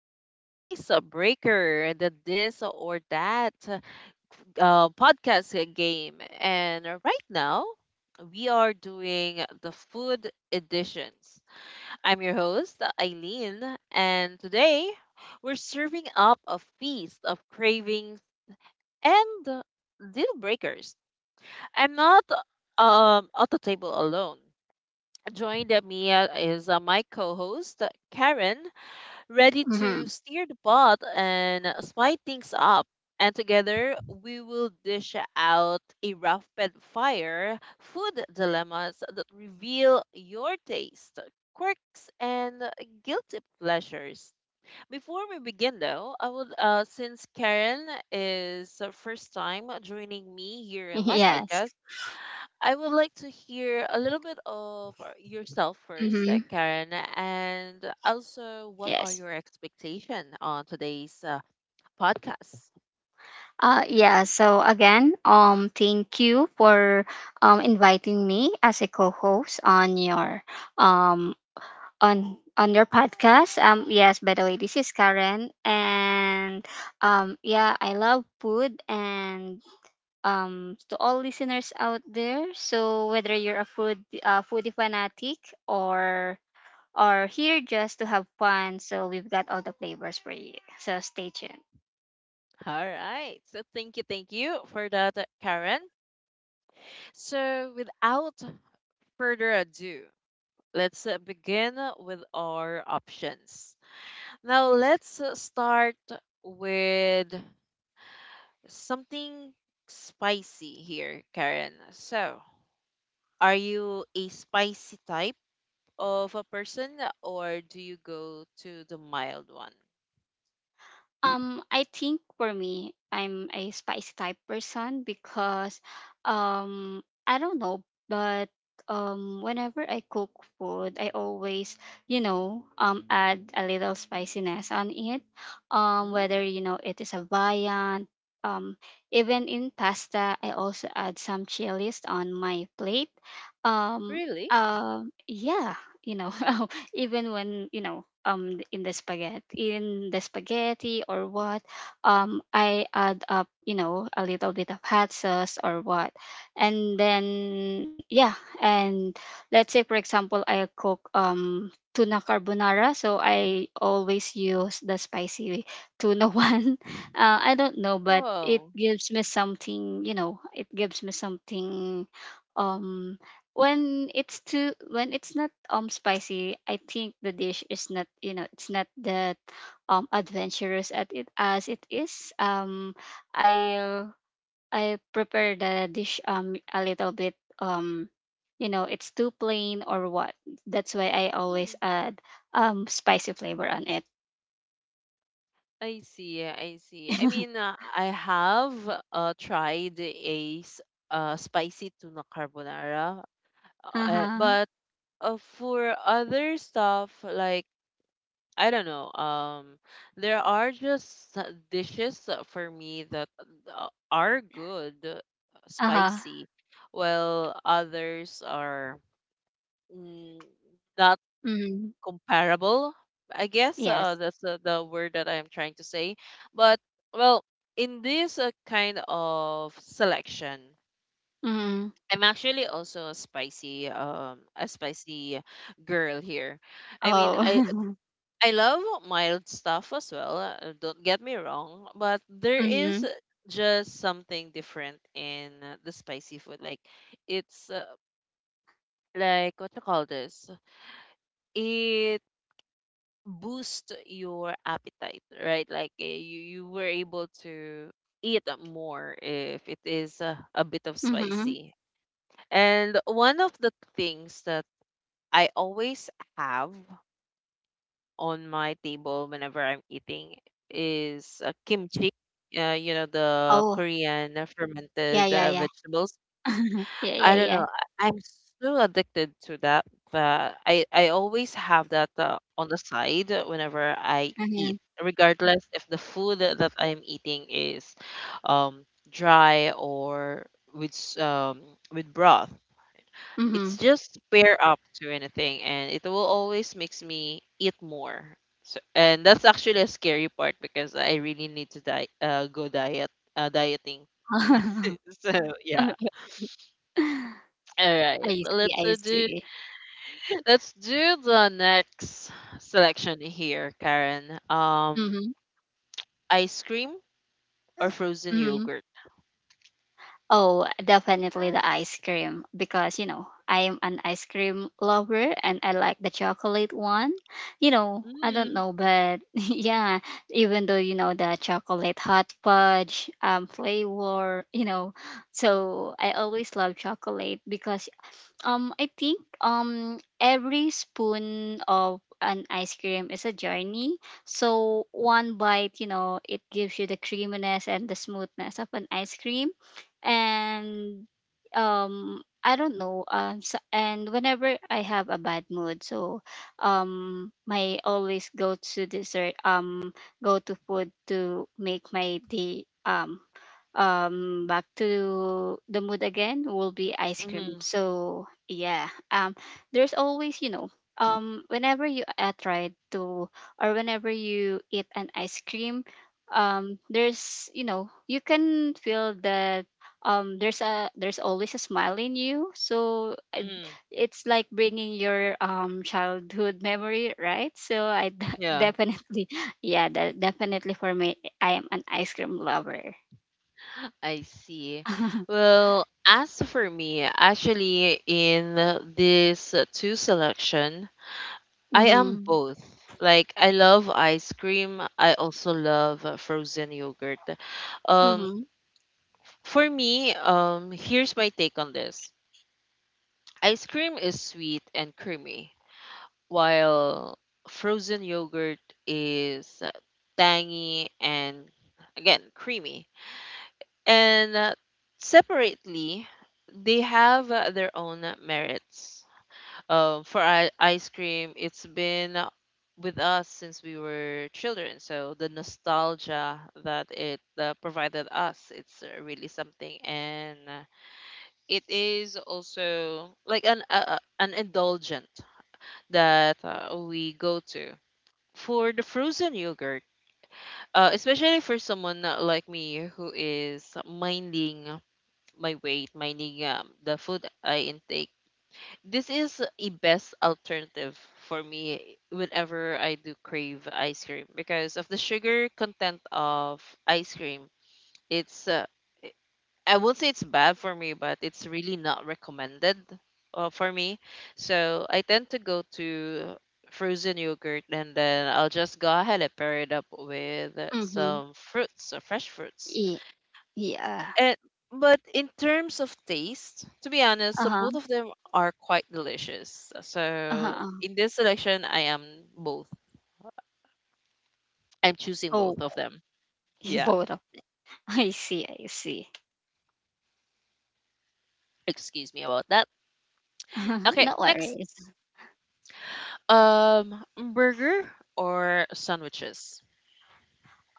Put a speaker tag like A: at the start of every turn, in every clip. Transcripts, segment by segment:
A: to Icebreaker, and the This or That podcast game. And right now, we are doing the food editions. I'm your host, Eileen, and today we're serving up a feast of cravings and deal breakers. I'm not at the table alone. Joined me is my co host, Karen ready to
B: Mm-hmm.
A: steer the pot and spice things up. And together, we will dish out a rapid fire food dilemmas that reveal your taste, quirks, and guilty pleasures. Before we begin, though, I would, since Karen is first time joining me here in my
B: Yes.
A: podcast, I would like to hear a little bit of yourself first,
B: Mm-hmm.
A: Karen, and also what are
B: Yes.
A: your expectations on today's podcast?
B: Yeah. So again, thank you for inviting me as a co-host on your um on your podcast. Yes. By the way, this is Karen, and yeah, I love food, and to all listeners out there. So whether you're a food foodie fanatic or or here just to have fun. So we've got all the flavors for you. So stay tuned.
A: All right. So thank you for that, Karen. So without further ado, let's begin with our options. Now let's start with something spicy here, Karen. So, are you a spicy type of a person or do you go to the mild one?
B: I think for me, I'm a spicy type person because I don't know, but whenever I cook food, I always, add a little spiciness on it. Whether
A: Mm.
B: you know it is a viand, um even in pasta, I also add some chilies on my plate. Um
A: Really?
B: yeah, you know, even when in the spaghetti or what, I add up, you know, a little bit of hot sauce or what, and then yeah. And let's say, for example, I cook tuna carbonara, so I always use the spicy tuna one. I don't know, but it
A: Oh,
B: gives me something. It gives me something um when it's too when it's not spicy. I think the dish is not, you know, it's not that adventurous at it as it is. Um i i prepare the dish a little bit um you know, it's too plain or what. That's why I
A: hmm.
B: always add spicy flavor on it.
A: I see. I see. I mean, I have tried a spicy tuna carbonara,
B: uh-huh
A: but for other stuff, like I don't know, there are just dishes for me that are good,
B: uh-huh
A: spicy, while others are mm, not
B: mm
A: comparable, I guess.
B: yes
A: That's the word that I am trying to say. But well, in this kind of selection,
B: mm
A: I'm actually also a spicy girl here. I mean, i
B: oh
A: i love mild stuff as well, don't get me wrong, but there is
B: Mm-hmm.
A: just something different in the spicy food. Like it's like, what you call this, it boost your appetite, right? Like you were able to eat more if it is a bit of
B: Mm-hmm.
A: spicy. And one of the things that I always have on my table whenever I'm eating is kimchi. You know, the
B: Oh,
A: Korean
B: yeah,
A: fermented
B: yeah, yeah.
A: vegetables.
B: Yeah, yeah,
A: I don't
B: yeah.
A: know. I'm so addicted to that, but I always have that on the side whenever I eat,
B: Mhm.
A: regardless if the food that I'm eating is um dry or with s- um with broth. It's
B: Mhm.
A: just pair up to anything, and it will always makes me eat more. So, and that's actually a scary part because I really need to go diet, dieting. So yeah. All right,
B: I see.
A: let's
B: I
A: do
B: see.
A: let's do the next selection here, Karen. Um,
B: Mhm.
A: ice cream or frozen
B: Mhm.
A: yogurt?
B: Oh, definitely the ice cream, because you know I'm an ice cream lover and I like the chocolate one. You know, I don't
A: Mm,
B: know, but yeah, even though, you know, the chocolate hot fudge flavor, you know, so I always love chocolate because I think every spoon of an ice cream is a journey. So one bite, you know, it gives you the creaminess and the smoothness of an ice cream, and I don't know, so, and whenever I have a bad mood, so my always go to dessert, go to food to make my day, back to the mood again, will be ice cream.
A: mm-hmm,
B: So yeah, there's always, you know, whenever you try to, or whenever you eat an ice cream, there's, you know, you can feel that there's always a smile in you.
A: mm-hmm.
B: It's like bringing your childhood memory, right? So
A: Yeah,
B: definitely. Yeah, that, definitely for me, I am an ice cream lover.
A: I see. Well, as for me, actually, in this two selection, I am
B: Mhm.
A: both. Like, I love ice cream. I also love frozen yogurt. Um,
B: Mhm.
A: for me, here's my take on this. Ice cream is sweet and creamy, while frozen yogurt is tangy and again creamy. And separately, they have their own merits. For ice cream, it's been with us since we were children, so the nostalgia that it provided us, it's really something, and it is also like an indulgent that we go to. For the frozen yogurt, especially for someone like me who is minding my weight, minding the food I intake, this is a best alternative for me whenever I do crave ice cream because of the sugar content of ice cream. It's I won't say it's bad for me, but it's really not recommended for me. So I tend to go to frozen yogurt and then I'll just go ahead and pair it up with
B: Mhm.
A: some fruits, fresh fruits.
B: Yeah. Yeah.
A: And but in terms of taste, to be honest,
B: Uh-huh.
A: both of them are quite delicious.
B: Uh-huh.
A: So
B: Uh-huh.
A: in this selection, I am both. I'm choosing
B: Oh,
A: both of them. Yeah.
B: both of. I see. I see.
A: Excuse me about that. Okay,
B: No
A: next.
B: worries.
A: Um, burger or sandwiches?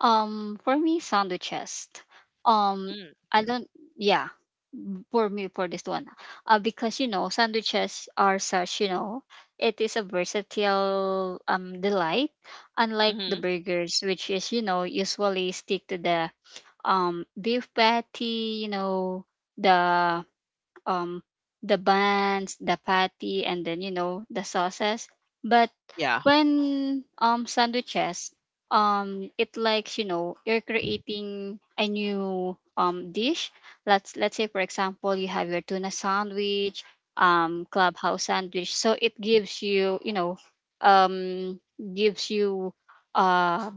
B: For me, sandwiches. Um,
A: Mm,
B: I don't. Yeah. For me, for this one, because you know, sandwiches are such. You know, it is a versatile delight, unlike the
A: mhm.
B: burgers, which is, you know, usually stick to the beef patty. You know the um the buns, the patty, and then you know the sauces. But
A: Yeah,
B: when sandwiches, it likes, you know, you're creating a new dish. Let's say, for example, you have your tuna sandwich, clubhouse sandwich. So it gives you, you know, um gives you uh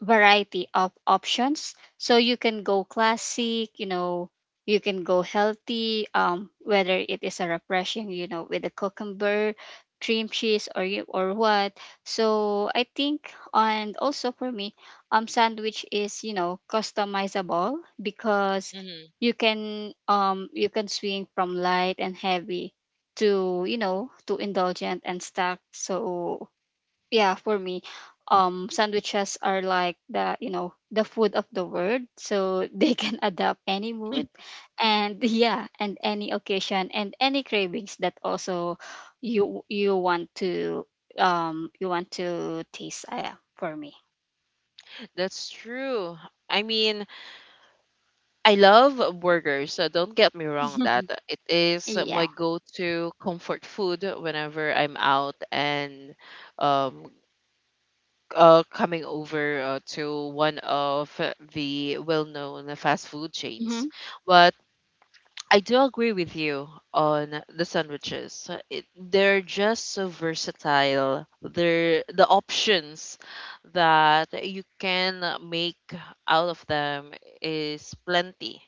B: variety of options. So you can go classic, you know, you can go healthy, whether it is a refreshing, you know, with a cucumber, cream cheese, or you or what. So I think, and also for me, sandwich is, you know, customizable, because
A: mhm.
B: you can swing from light and heavy to, you know, to indulgent and stuck. So yeah, for me, sandwiches are like the, you know, the food of the world, so they can adapt any mood, and yeah, and any occasion and any cravings that also you want to you want to taste. Yeah, for me.
A: That's true. I mean, I love burgers, so don't get me wrong on that. It is
B: Yeah.
A: my go-to comfort food whenever I'm out and um coming over to one of the well-known fast food chains.
B: Mhm.
A: But I do agree with you on the sandwiches. It, they're just so versatile. They're the options that you can make out of them is plenty.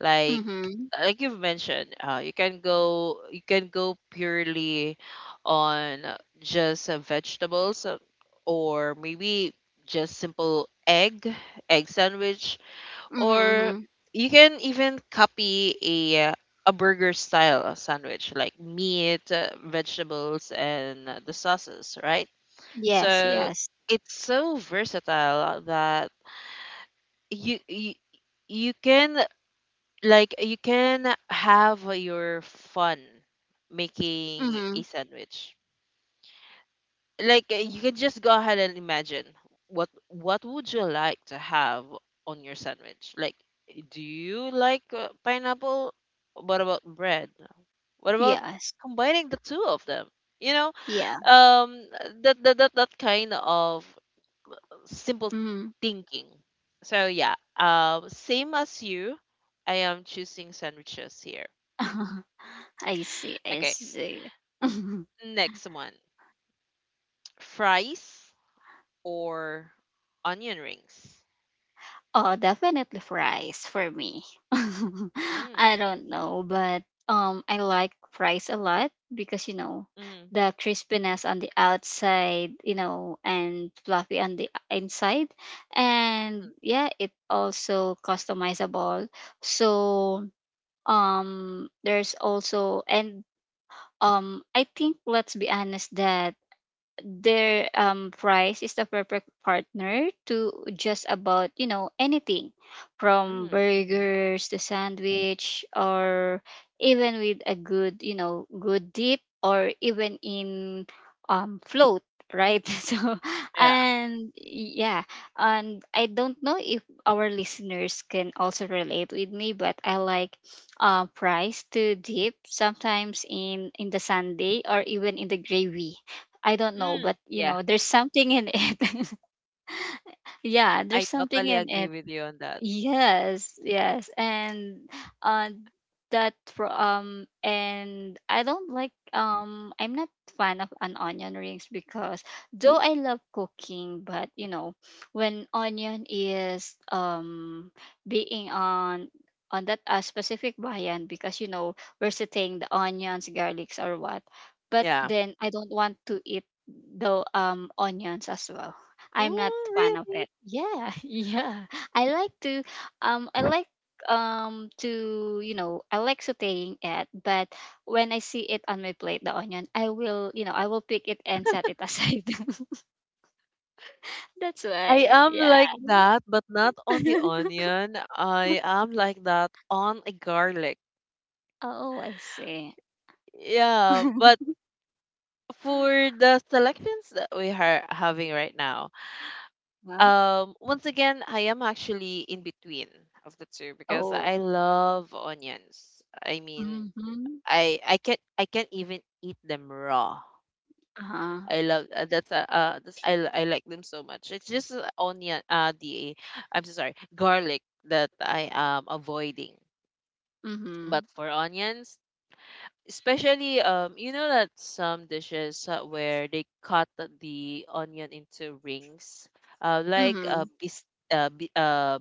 A: Like
B: Mhm.
A: like you've mentioned, you can go purely on just vegetables, or maybe just simple egg sandwich,
B: Mhm.
A: or
B: Mhm.
A: you can even copy a burger style sandwich, like meat, vegetables, and the sauces, right?
B: Yes,
A: So
B: yes.
A: it's so versatile that you you, you can, like you can have your fun making a
B: Mhm.
A: sandwich. Like you can just go ahead and imagine what would you like to have on your sandwich. Like do you like pineapple, what about bread, what about
B: Yes.
A: combining the two of them, you know,
B: Yeah.
A: um that kind of simple
B: Mhm.
A: thinking. So yeah, same as you, I am choosing sandwiches here.
B: I see, I
A: Okay,
B: see.
A: next one, fries or onion rings?
B: Oh, definitely fries for me.
A: Mm.
B: I don't know, but I like fries a lot because, you know,
A: Mhm.
B: the crispiness on the outside, you know, and fluffy on the inside. And yeah, it also customizable. So there's also and I think let's be honest that their fries is the perfect partner to just about, you know, anything from
A: Mhm. Mhm.
B: burgers to sandwich, or even with a good, you know, good dip, or even in float, right? So
A: Yeah.
B: and yeah, and I don't know if our listeners can also relate with me, but I like fries to dip sometimes in the sunday or even in the gravy. I don't know, but
A: Mm,
B: you
A: yeah,
B: know, there's something in it. Yeah,
A: I
B: there's something
A: totally
B: in
A: agree
B: it.
A: with you on that.
B: Yes, yes, and uh, that for and I don't like, I'm not fan of an onion rings, because though I love cooking, but you know, when onion is being on that specific bayan, because you know we're sitting the onions, garlics, or what, but
A: Yeah.
B: then I don't want to eat the onions as well. I'm not
A: Oh,
B: fan of
A: really?
B: it. Yeah. Yeah. I like to I like to, you know, I like sautéing it, but when I see it on my plate, the onion, I will, you know, I will pick it and set it aside. That's
A: I
B: why,
A: am
B: yeah.
A: like that, but not on the onion. I am like that on a garlic.
B: Oh, I see.
A: Yeah, but for the selections that we are having right now,
B: Huh?
A: once again, I am actually in between of the two because
B: Oh.
A: I love onions. I mean,
B: Mm-hmm.
A: I can't even eat them raw.
B: Uh-huh.
A: I love that's, I like them so much. It's just onion, the I'm so sorry, garlic that I am avoiding. But
B: Mm-hmm.
A: for onions, especially you know, that some dishes where they cut the onion into rings, uh like uh
B: Mm-hmm.
A: bis uh, bi- uh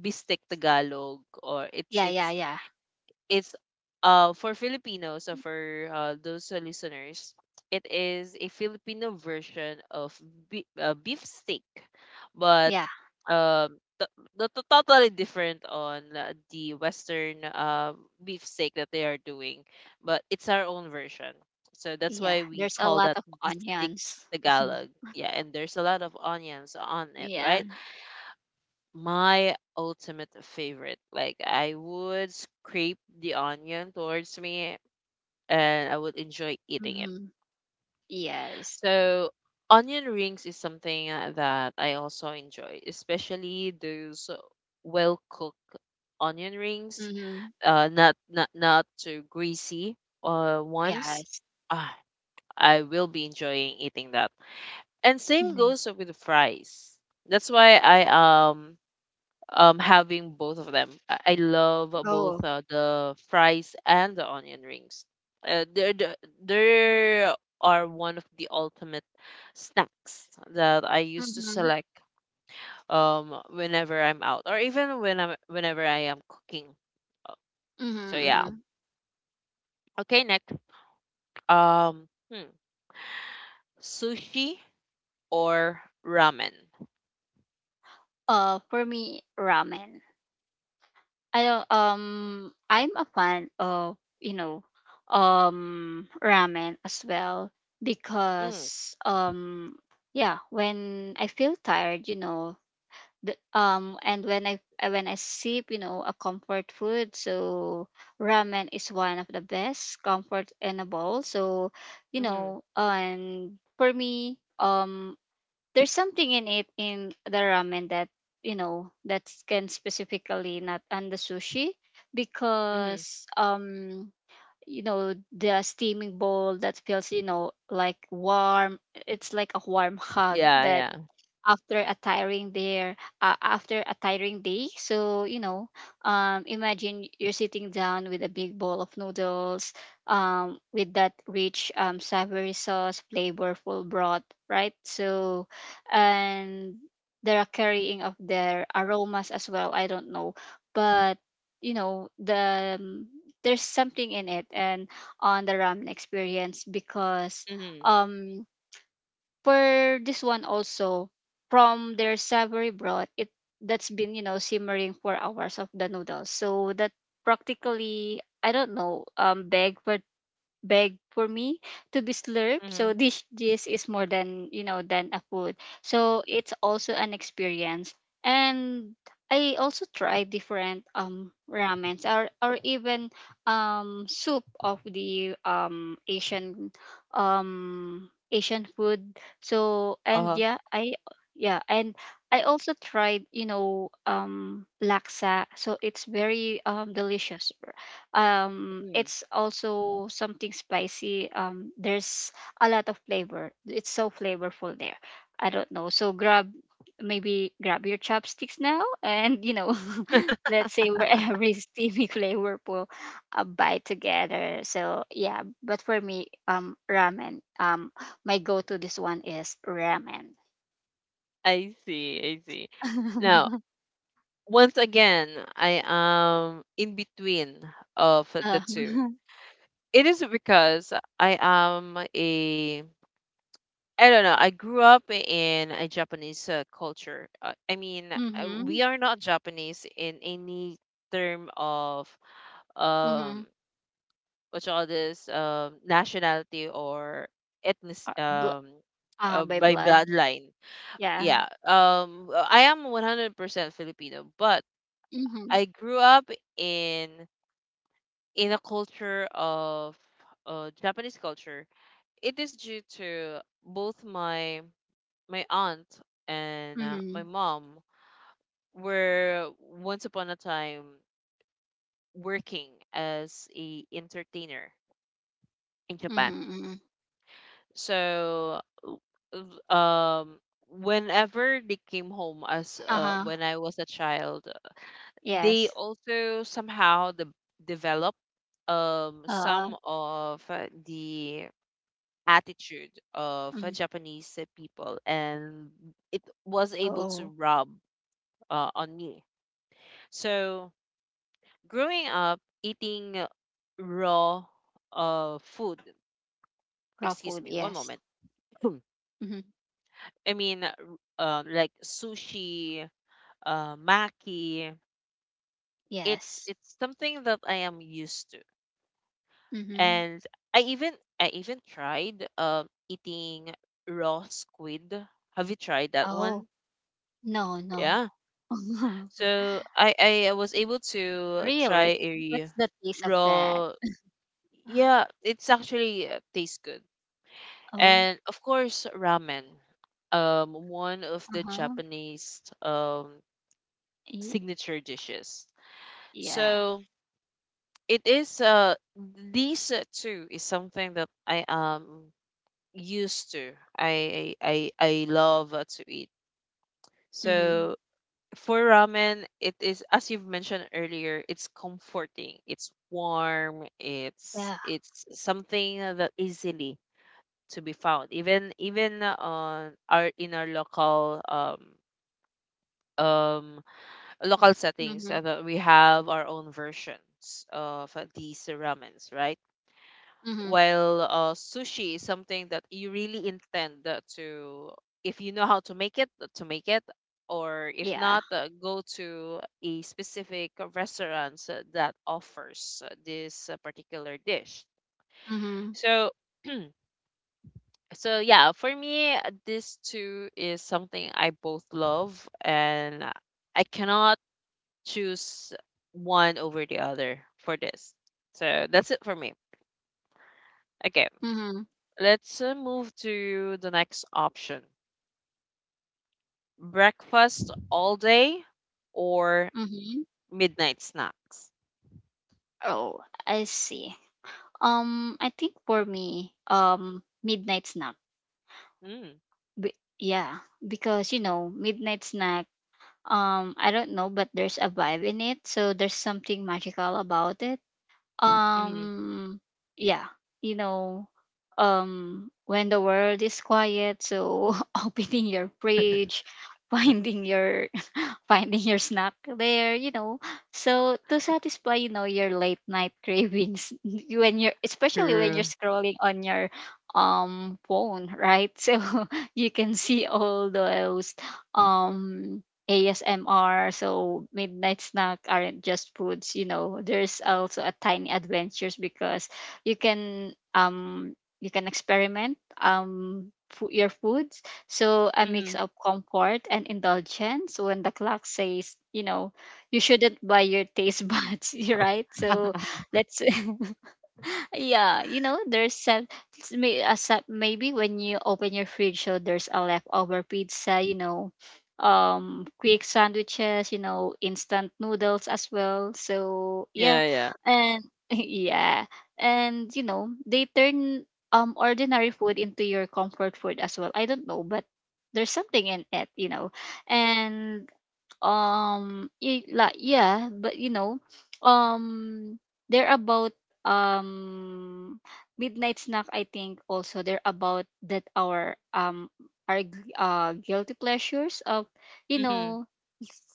A: bistek Tagalog, or
B: Yeah, yeah, yeah.
A: it's for Filipinos or for those who listeners, it is a Filipino version of beef steak, but
B: Yeah.
A: um t- the totally different on the Western beef steak that they are doing, but it's our own version. So that's
B: Yeah.
A: why we
B: There's a
A: call
B: lot
A: that
B: of
A: beef steak
B: onions.
A: Tagalog. Yeah, and there's a lot of onions on it,
B: Yeah.
A: right? My ultimate favorite. Like I would scrape the onion towards me and I would enjoy eating it.
B: Mm-hmm. Yes.
A: So onion rings is something that I also enjoy, especially those well cooked onion rings,
B: Mm-hmm.
A: not too greasy ones.
B: Yes.
A: Ah, I will be enjoying eating that. And same
B: Mm-hmm.
A: goes with the fries. That's why I um having both of them. I love both
B: Oh.
A: the fries and the onion rings. They're the, they are one of the ultimate snacks that I used to
B: Mhm.
A: select whenever I'm out, or even whenever I am cooking. So
B: Mhm.
A: yeah.
B: Mhm.
A: Okay, next, um hmm, sushi or ramen.
B: For me, ramen. I don't. I'm a fan of, you know, ramen as well,
A: Mm,
B: because yeah, when I feel tired, you know, the, and when I sip, you know, a comfort food, so ramen is one of the best comfort in a bowl. So, you
A: mm-hmm,
B: know, and for me, there's something in it in the ramen that, you know, that can specifically not on the sushi,
A: mm-hmm.
B: because you know the steaming bowl that feels, you know, like warm, it's like a warm hug
A: Yeah,
B: that,
A: yeah.
B: after a tiring day after a tiring day, so you know, imagine you're sitting down with a big bowl of noodles with that rich savory sauce, flavorful broth, right? So and they're carrying of their aromas as well, I don't know, but you know the there's something in it and on the ramen experience, because
A: Mm-hmm,
B: um for this one also, from their savory broth, it that's been, you know, simmering for hours of the noodles, so that practically, I don't know, beg for beg for me to be slurped.
A: mm-hmm.
B: So this is more than, you know, than a food. So it's also an experience. And I also try different ramens, or even soup of the Asian Asian food. So and
A: Uh-huh.
B: yeah, I yeah and I also tried, you know, laksa. So it's very delicious,
A: Mm.
B: it's also something spicy, there's a lot of flavor, it's so flavorful there, I don't know, so grab, maybe grab your chopsticks now, and you know, let's say we're every steamy flavorful a bite together. So yeah, but for me, ramen, my go-to, this one is ramen.
A: I see, I see. Now, once again, I am in between of
B: uh,
A: the two. It is because I am a I don't know. I grew up in a Japanese culture. I mean,
B: mm-hmm,
A: we are not Japanese in any term of um
B: Mm-hmm.
A: what you call this, nationality or ethnic,
B: Uh, bl- by
A: by
B: blood.
A: bloodline.
B: Yeah.
A: Yeah. I am 100% Filipino, but
B: Mm-hmm,
A: I grew up in in a culture of Japanese culture. It is due to both my my aunt and my
B: mm-hmm.
A: mom were once upon a time working as a entertainer in Japan.
B: Mhm, mhm.
A: So uh, um whenever they came home as
B: Uh-huh.
A: when I was a child, they
B: Yes.
A: also somehow the develop
B: Uh,
A: some of the attitude
B: mm.
A: of Japanese people, and it was
B: Oo.
A: able to rub on me. So growing up eating raw food,
B: Raw food,
A: excuse me, one
B: yes.
A: moment.
B: Mhm.
A: I mean, like sushi, maki.
B: Yes.
A: It's something that I am used to,
B: Mhm.
A: and I even I even tried eating raw squid. Have you tried that
B: Oh,
A: one?
B: no, no.
A: Yeah. So I was able to
B: Really?
A: try a
B: What's the taste of that?
A: raw. Yeah, it's actually tastes good.
B: Oh,
A: And of course, ramen. One of the
B: uh-huh.
A: Japanese
B: Y-
A: signature dishes.
B: yeah.
A: So it is these two is something that I am used to. I love to eat.
B: Mhm.
A: So for ramen, it is as you've mentioned earlier, it's comforting, it's warm,
B: Yeah.
A: it's something that easily to be found. Even on our in our local um local settings
B: Mhm.
A: that we have our own versions of these ramens, right?
B: Mhm.
A: While sushi is something that you really intend to, if you know how to make it, or if
B: Yeah.
A: not, go to a specific restaurant that offers this particular dish.
B: Mhm.
A: So so yeah, for me, this too is something I both love, and I cannot choose one over the other for this. So that's it for me. Okay,
B: Mhm.
A: let's move to the next option: breakfast all day or
B: Mhm.
A: midnight snacks.
B: Oh, I see. I think for me, midnight snack.
A: Mm,
B: Yeah, because you know, midnight snack, I don't know, but there's a vibe in it, so there's something magical about it.
A: mm,
B: um yeah you know, when the world is quiet, so opening your fridge, finding your finding your snack there, you know. So to satisfy, you know, your late night cravings when you're, especially when
A: true.
B: you're scrolling on your phone, right? So you can see all those um ASMR, so midnight snack aren't just foods, you know. There's also a tiny adventures, because you can um you can experiment, your food. So a mix
A: Mm,
B: of comfort and indulgence when the clock says, you know, you shouldn't buy your taste buds, right? So let's yeah, you know, there's some s- may- some- maybe when you open your fridge, so there's a leftover pizza, you know, quick sandwiches, you know, instant noodles as well. So yeah,
A: yeah, yeah.
B: and yeah, and you know, they turn ordinary food into your comfort food as well. I don't know, but there's something in it, you know, and y- like yeah but you know um they're about um midnight snack, I think. Also, they're about that our guilty pleasures of, you
A: Mm,
B: know,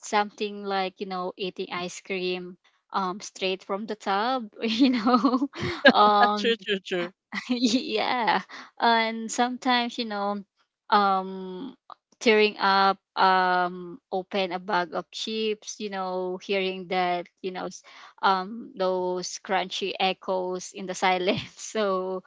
B: something like, you know, eating ice cream straight from the tub. You know.
A: true,
B: um
A: true, true.
B: yeah. And sometimes, you know, um tearing up, open a bag of chips, you know, hearing that, you know, those crunchy echoes in the silence. So,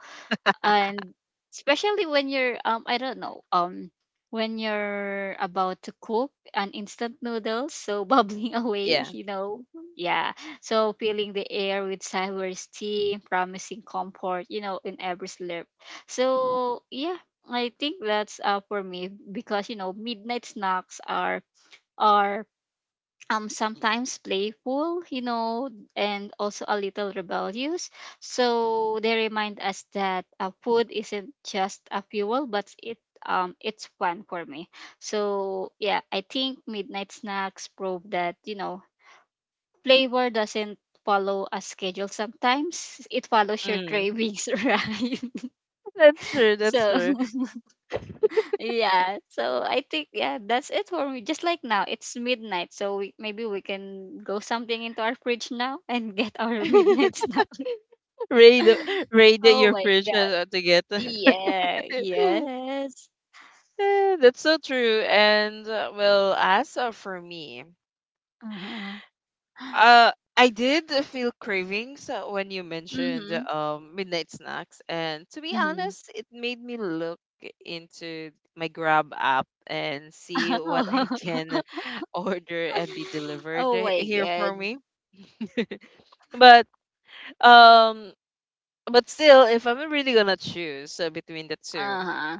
B: and especially when you're I don't know, when you're about to cook an instant noodles, so bubbling away,
A: Yeah.
B: you know. Yeah. So filling the air with sour steam, promising comfort, you know, in every slurp. So yeah, I think that's for me, because you know midnight snacks are are sometimes playful, you know, and also a little rebellious. So they remind us that food isn't just a fuel, but it it's fun for me. So yeah, I think midnight snacks prove that, you know, flavor doesn't follow a schedule. Sometimes it follows your
A: Mm.
B: cravings, right?
A: That's true. That's
B: So
A: true.
B: yeah, so I think, yeah, that's it for me. Just like now, it's midnight, so we, maybe we can go something into our fridge now and get our midnight snack.
A: Raid, raid
B: Oh
A: your
B: my
A: fridge
B: god!
A: to get.
B: Yeah, yes.
A: Eh, that's so true. And well, as for me,
B: Uh-huh.
A: Uh, I did feel cravings when you mentioned
B: Mhm.
A: midnight snacks, and to be
B: Mhm.
A: honest, it made me look into my Grab app and see what I can order and be delivered
B: Oh my
A: here for
B: god.
A: me. But um, but still, if I'm really gonna choose between the two,
B: Uh huh.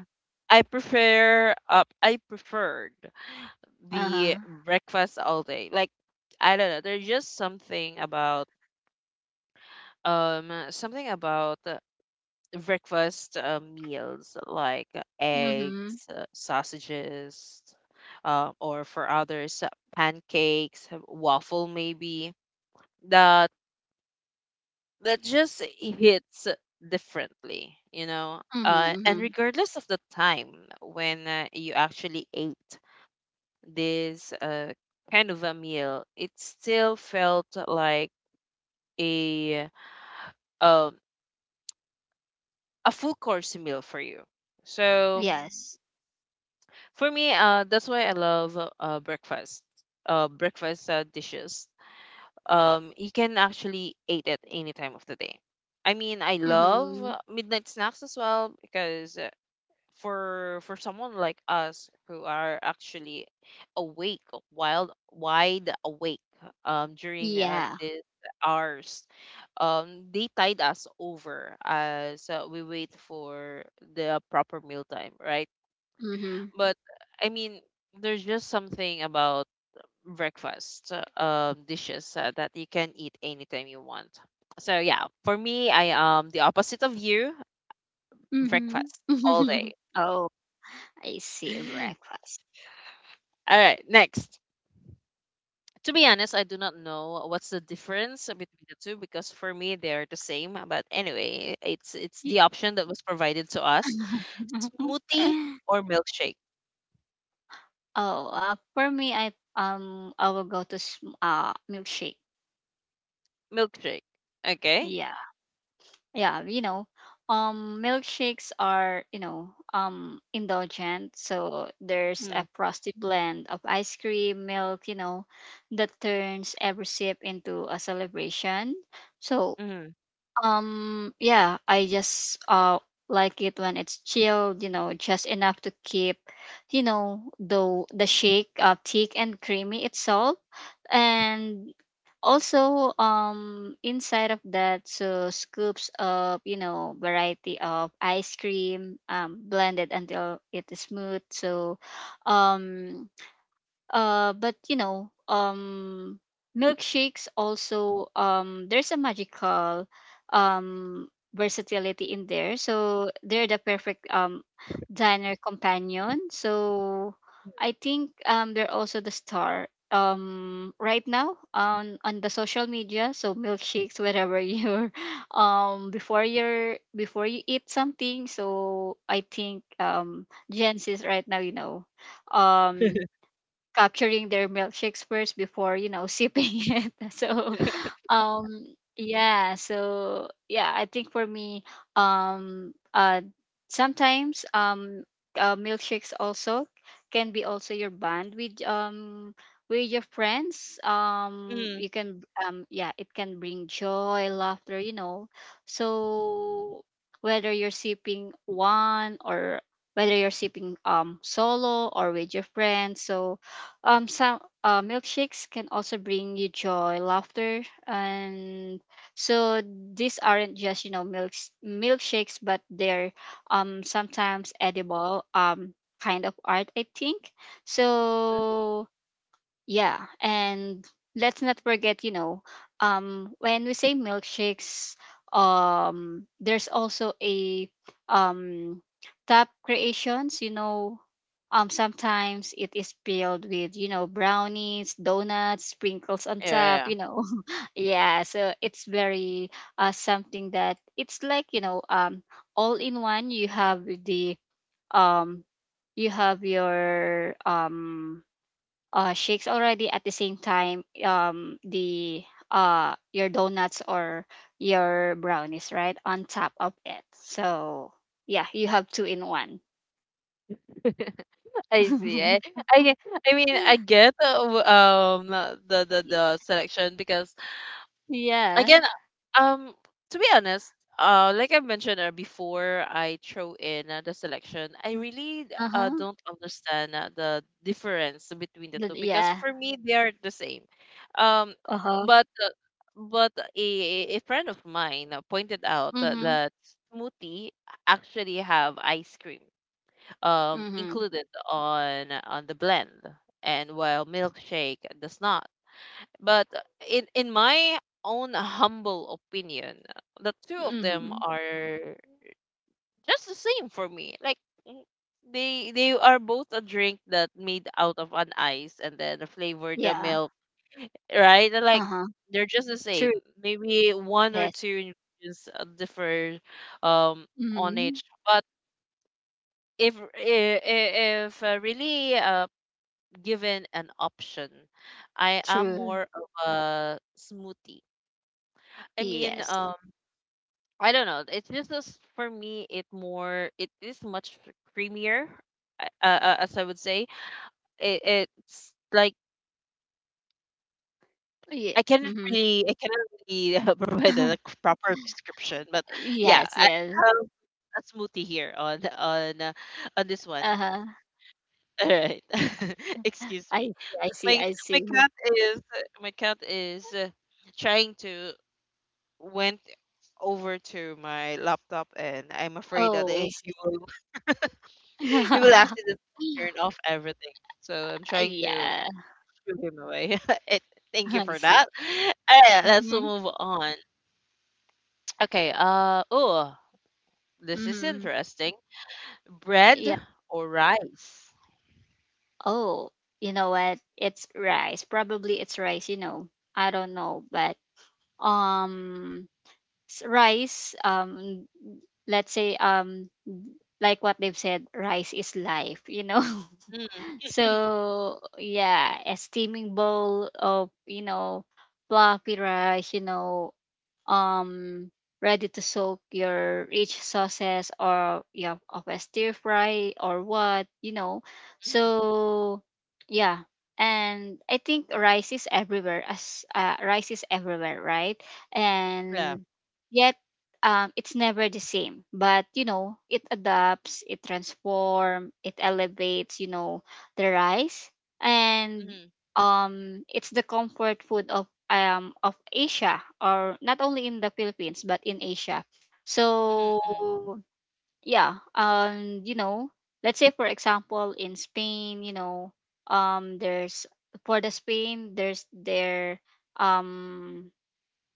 A: I preferred
B: Uh huh.
A: the breakfast all day. Like, I don't know, there's just something about breakfast meals like
B: Mhm.
A: eggs, sausages, or for others, pancakes, waffle maybe, that that just hits differently, you know,
B: Mhm.
A: and
B: Mhm.
A: regardless of the time when you actually ate this kind of a meal, it still felt like a um a full course meal for you. So
B: Yes.
A: for me, that's why I love breakfast dishes. You can actually eat at any time of the day. I mean, I love
B: Mhm.
A: midnight snacks as well, because for someone like us who are actually awake, wide awake, during
B: Yeah.
A: these hours, um, they tide us over as we wait for the proper meal time, right?
B: Mhm.
A: But I mean, there's just something about breakfast dishes that you can eat anytime you want. So yeah, for me, I am the opposite of you.
B: Mhm.
A: Breakfast all day.
B: Oh. I see breakfast.
A: All right, next. To be honest, I do not know what's the difference between the two, because for me they are the same. But anyway, it's
B: Y-
A: the option that was provided to us: smoothie or milkshake.
B: oh, for me, I I will go to milkshake.
A: Milkshake. Okay.
B: Yeah, yeah, you know, milkshakes are, you know, indulgent. So there's a
A: Hmm,
B: frosty blend of ice cream, milk, you know, that turns every sip into a celebration. So,
A: mm-hmm.
B: Yeah, I just like it when it's chilled, you know, just enough to keep, you know, the shake thick and creamy itself. And also inside of that, so scoops of, you know, variety of ice cream blended until it is smooth. So um but you know, milkshakes also, there's a magical um versatility in there. So they're the perfect diner companion. So I think they're also the star right now on the social media. So milkshakes wherever you're before you eat something. So I think Gen Z's right now, you know, um capturing their milkshakes first before, you know, sipping it. So yeah, so yeah, I think for me, um uh sometimes, milkshakes also can be also your bond with your friends.
A: Mm-hmm.
B: You can yeah, it can bring joy, laughter, you know. So whether you're sipping one, or whether you're sipping solo or with your friends. So some milkshakes can also bring you joy, laughter, and so these aren't just, you know, milkshakes, but they're sometimes edible kind of art, I think.
A: Mm-hmm.
B: So yeah, and let's not forget, you know, when we say milkshakes, there's also a um top creations. You know, sometimes it is filled with, you know, brownies, donuts, sprinkles on
A: Yeah, yeah,
B: top.
A: yeah.
B: You know, yeah. So it's very something that it's like, you know, all in one. You have the um you have your shakes already. At the same time, the your donuts or your brownies, right, on top of it. So yeah, you have two in one.
A: I see. I, I get- I mean, I get the the
B: Y-
A: the selection because
B: yeah.
A: again, um to be honest, like I mentioned before I throw in the selection, I really
B: Uh huh.
A: don't understand the difference between the two, because
B: Yeah.
A: for me they are the same. um
B: Uh huh.
A: but uh, but a friend of mine pointed out that,
B: Mhm.
A: that smoothie actually have ice cream,
B: Mhm.
A: included on the blend, and while milkshake does not. But in my own humble opinion, the two of them
B: Mhm.
A: are just the same for me. Like, mm, they are both a drink that made out of an ice and then flavor the
B: Yeah.
A: milk, right? They're
B: Uh
A: Like
B: huh.
A: they're just the
B: True.
A: same. Maybe one or
B: Yes.
A: two ingredients differ um on
B: Mhm.
A: each, but if if, if really given an option, I am
B: True.
A: more of a smoothie. I mean,
B: Yes.
A: I don't know. It's just as- for me, it more it is much creamier, as I would say. It, it's like
B: Yeah. Mhm.
A: I cannot really provide a like, proper description, but yeah,
B: Yes.
A: I
B: Yes.
A: have a smoothie here on this one.
B: Uh huh.
A: All right, excuse
B: I
A: me.
B: see. I see.
A: My
B: I
A: my
B: see.
A: cat is my cat is trying to went over to my laptop, and I'm afraid that,
B: Oh, I
A: eh,
B: see.
A: he will he will accidentally
B: Yeah,
A: turn off everything. So I'm trying to shoo him away. Eh, thank you
B: I
A: for
B: see.
A: that. Alright, let's
B: Mhm.
A: move on. Okay, uh, oh, this is
B: Mhm.
A: interesting. Bread
B: Yeah.
A: or rice?
B: Oh, you know what? It's rice. Probably it's rice, you know. I don't know, but um rice, let's say, like what they've said, rice is life, you know.
A: Mm,
B: So, yeah, a steaming bowl of, you know, fluffy rice, you know, um ready to soak your rich sauces, or yeah, of a stir fry or what, you know.
A: mm-hmm.
B: So yeah, and I think rice is everywhere. As Rice is everywhere, right?
A: Yeah.
B: And yet, it's never the same, but you know, it adapts, it transforms, it elevates, you know, the rice. And
A: Mm-hmm.
B: it's the comfort food of Asia, or not only in the Philippines but in Asia.
A: Mm-hmm. Mm.
B: So yeah, and you know, let's say for example in Spain, you know, there's for the Spain there's their um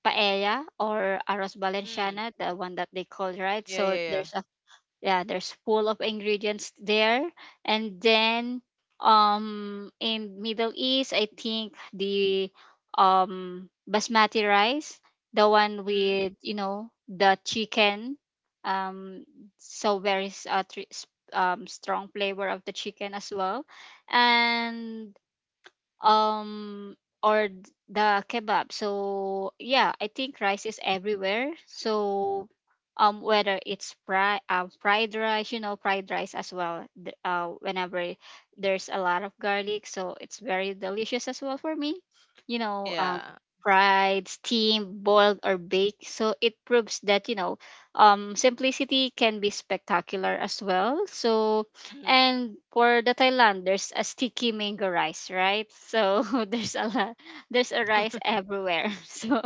B: paella or arroz
A: Mm.
B: valenciana, the one that they call, right.
A: Yeah,
B: So
A: yeah, yeah.
B: there's, yeah, there's full of ingredients there. And then, in Middle East, I think the basmati rice, the one
A: Mm-hmm.
B: with, you know, the chicken. um so very strong flavor of the chicken as well. And um or the kebab. So yeah, I think rice is everywhere. So whether it's fry fried rice, you know, fried rice as well th- whenever there's a lot of garlic, so it's very delicious as well for me, you know.
A: Yeah.
B: Fried, steamed, boiled, or baked, so it proves that, you know, simplicity can be spectacular as well. So,
A: Mm-hmm.
B: and for the Thailand, there's a sticky mango rice, right? So there's a lot, there's a rice everywhere. So,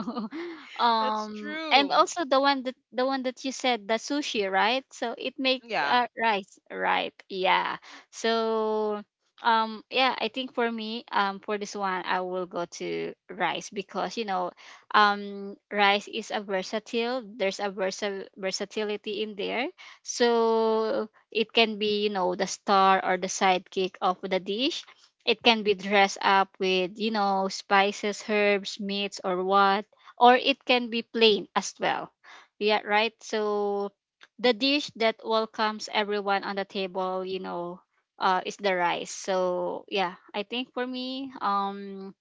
A: That's
B: and
A: true.
B: also the one that you said, the sushi, right? So it make
A: Yeah.
B: rice, right? Yeah. So, yeah, I think for me, for this one, I will go to rice, because you know, rice is a versatile. There's a versatility in there. So it can be, you know, the star or the sidekick of the dish. It can be dressed up with, you know, spices, herbs, meats, or what. Or it can be plain as well. Yeah, right? So the dish that welcomes everyone on the table, you know, is the rice. So yeah, I think for me, um,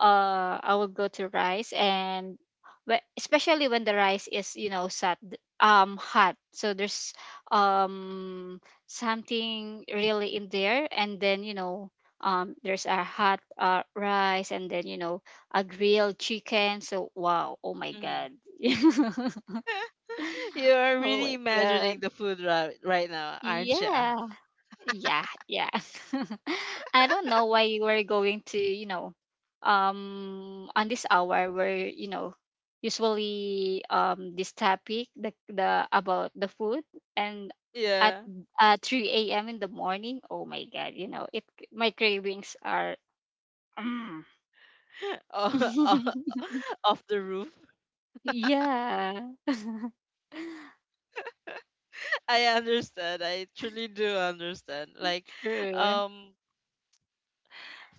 B: uh, I will go to rice. And especially when the rice is, you know, sat hot, so there's um something really in there. And then, you know, there's a hot rice, and then, you know, a grilled chicken, so wow, oh my
A: Mm-hmm.
B: god.
A: You are
B: Oh my
A: really imagining
B: god.
A: the food right, right now, aren't you?
B: Yeah. Yeah, yeah. I don't know why you were going to, you know, on this hour where, you know, usually this topic, the about the food, and at
A: Yeah.
B: 3 a.m. in the morning. Oh my God, you know, it, my cravings are, mm.
A: Oh, oh, off the roof.
B: Yeah.
A: I understand. I truly do understand. Like,
B: True.
A: um,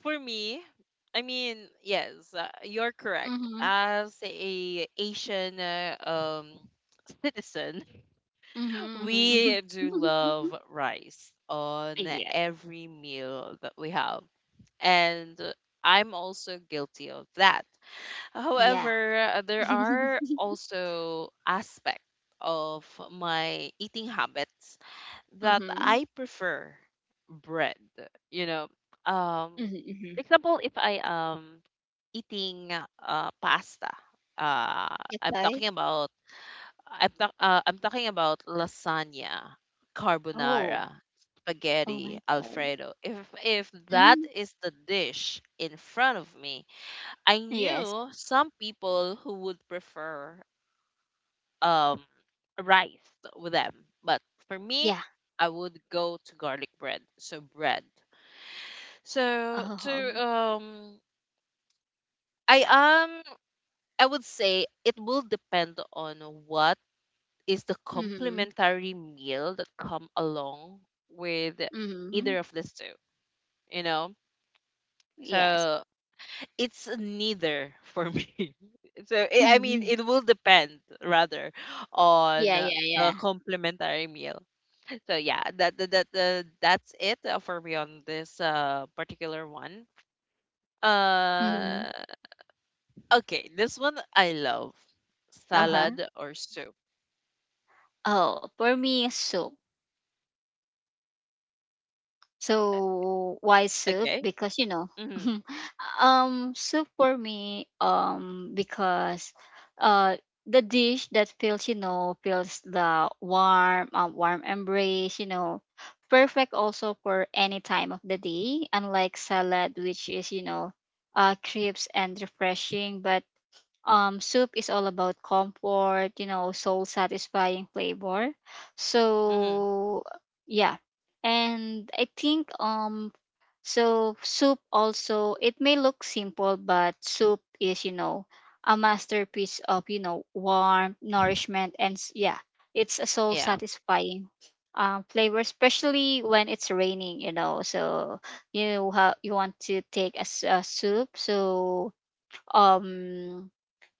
A: for me, I mean, yes, you're correct.
B: Mm-hmm.
A: As a Asian citizen,
B: Mm-hmm.
A: we do love rice on
B: Yeah.
A: every meal that we have, and I'm also guilty of that.
B: Yeah.
A: However, there are also aspects of my eating habits that
B: Mm-hmm.
A: I prefer bread. You know, um,
B: Mhm,
A: for
B: mhm.
A: example, if I am eating pasta, uh, I'm
B: Okay.
A: talking about I'm talking about lasagna,
B: Oh.
A: carbonara,
B: Oh
A: spaghetti,
B: my God.
A: alfredo. If that
B: Hmm.
A: is the dish in front of me, I
B: Yes.
A: knew some people who would prefer um rice with them, but for me,
B: Yeah.
A: I would go to garlic bread. So bread. So to
B: Oh.
A: um I um I would say it will depend on what is the
B: Mm-hmm.
A: complementary meal that come along with
B: Mm-hmm.
A: either of these two, you know?
B: Yes.
A: So it's neither for me. So I mean,
B: Mm-hmm.
A: it will depend rather on
B: Yeah, yeah,
A: the
B: yeah.
A: complimentary meal. So yeah, that's it for me on this particular one.
B: Mm-hmm.
A: Uh, okay, this one I love:
B: Uh-huh.
A: salad or soup.
B: Oh, for me, soup.
A: Uh,
B: So why soup?
A: Okay.
B: Because you know,
A: Mm-hmm.
B: soup for me, because uh, the dish that feels, you know, feels the warm, warm embrace, you know, perfect also for any time of the day. Unlike salad, which is, you know, crisp and refreshing, but soup is all about comfort, you know, soul satisfying flavor.
A: Mm-hmm.
B: So yeah, and I think, so soup also, it may look simple, but soup is, you know, a masterpiece of, you know, warmth, nourishment, and yeah, it's a soul
A: Yeah.
B: satisfying flavor, especially when it's raining, you know. So you you want to take a, a soup. So um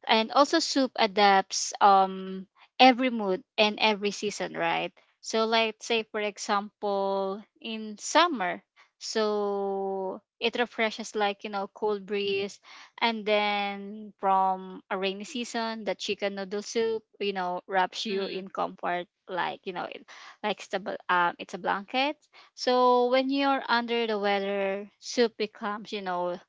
B: and also soup adapts every mood and every season, right? So like, say for example, in summer, so it refreshes like, you know, cold breeze. And then from a rainy season, the chicken noodle soup, you know, wraps you
A: Mm-hmm.
B: in comfort, like, you know, it, like it's a, it's a blanket. So when you're under the weather, soup becomes, you know,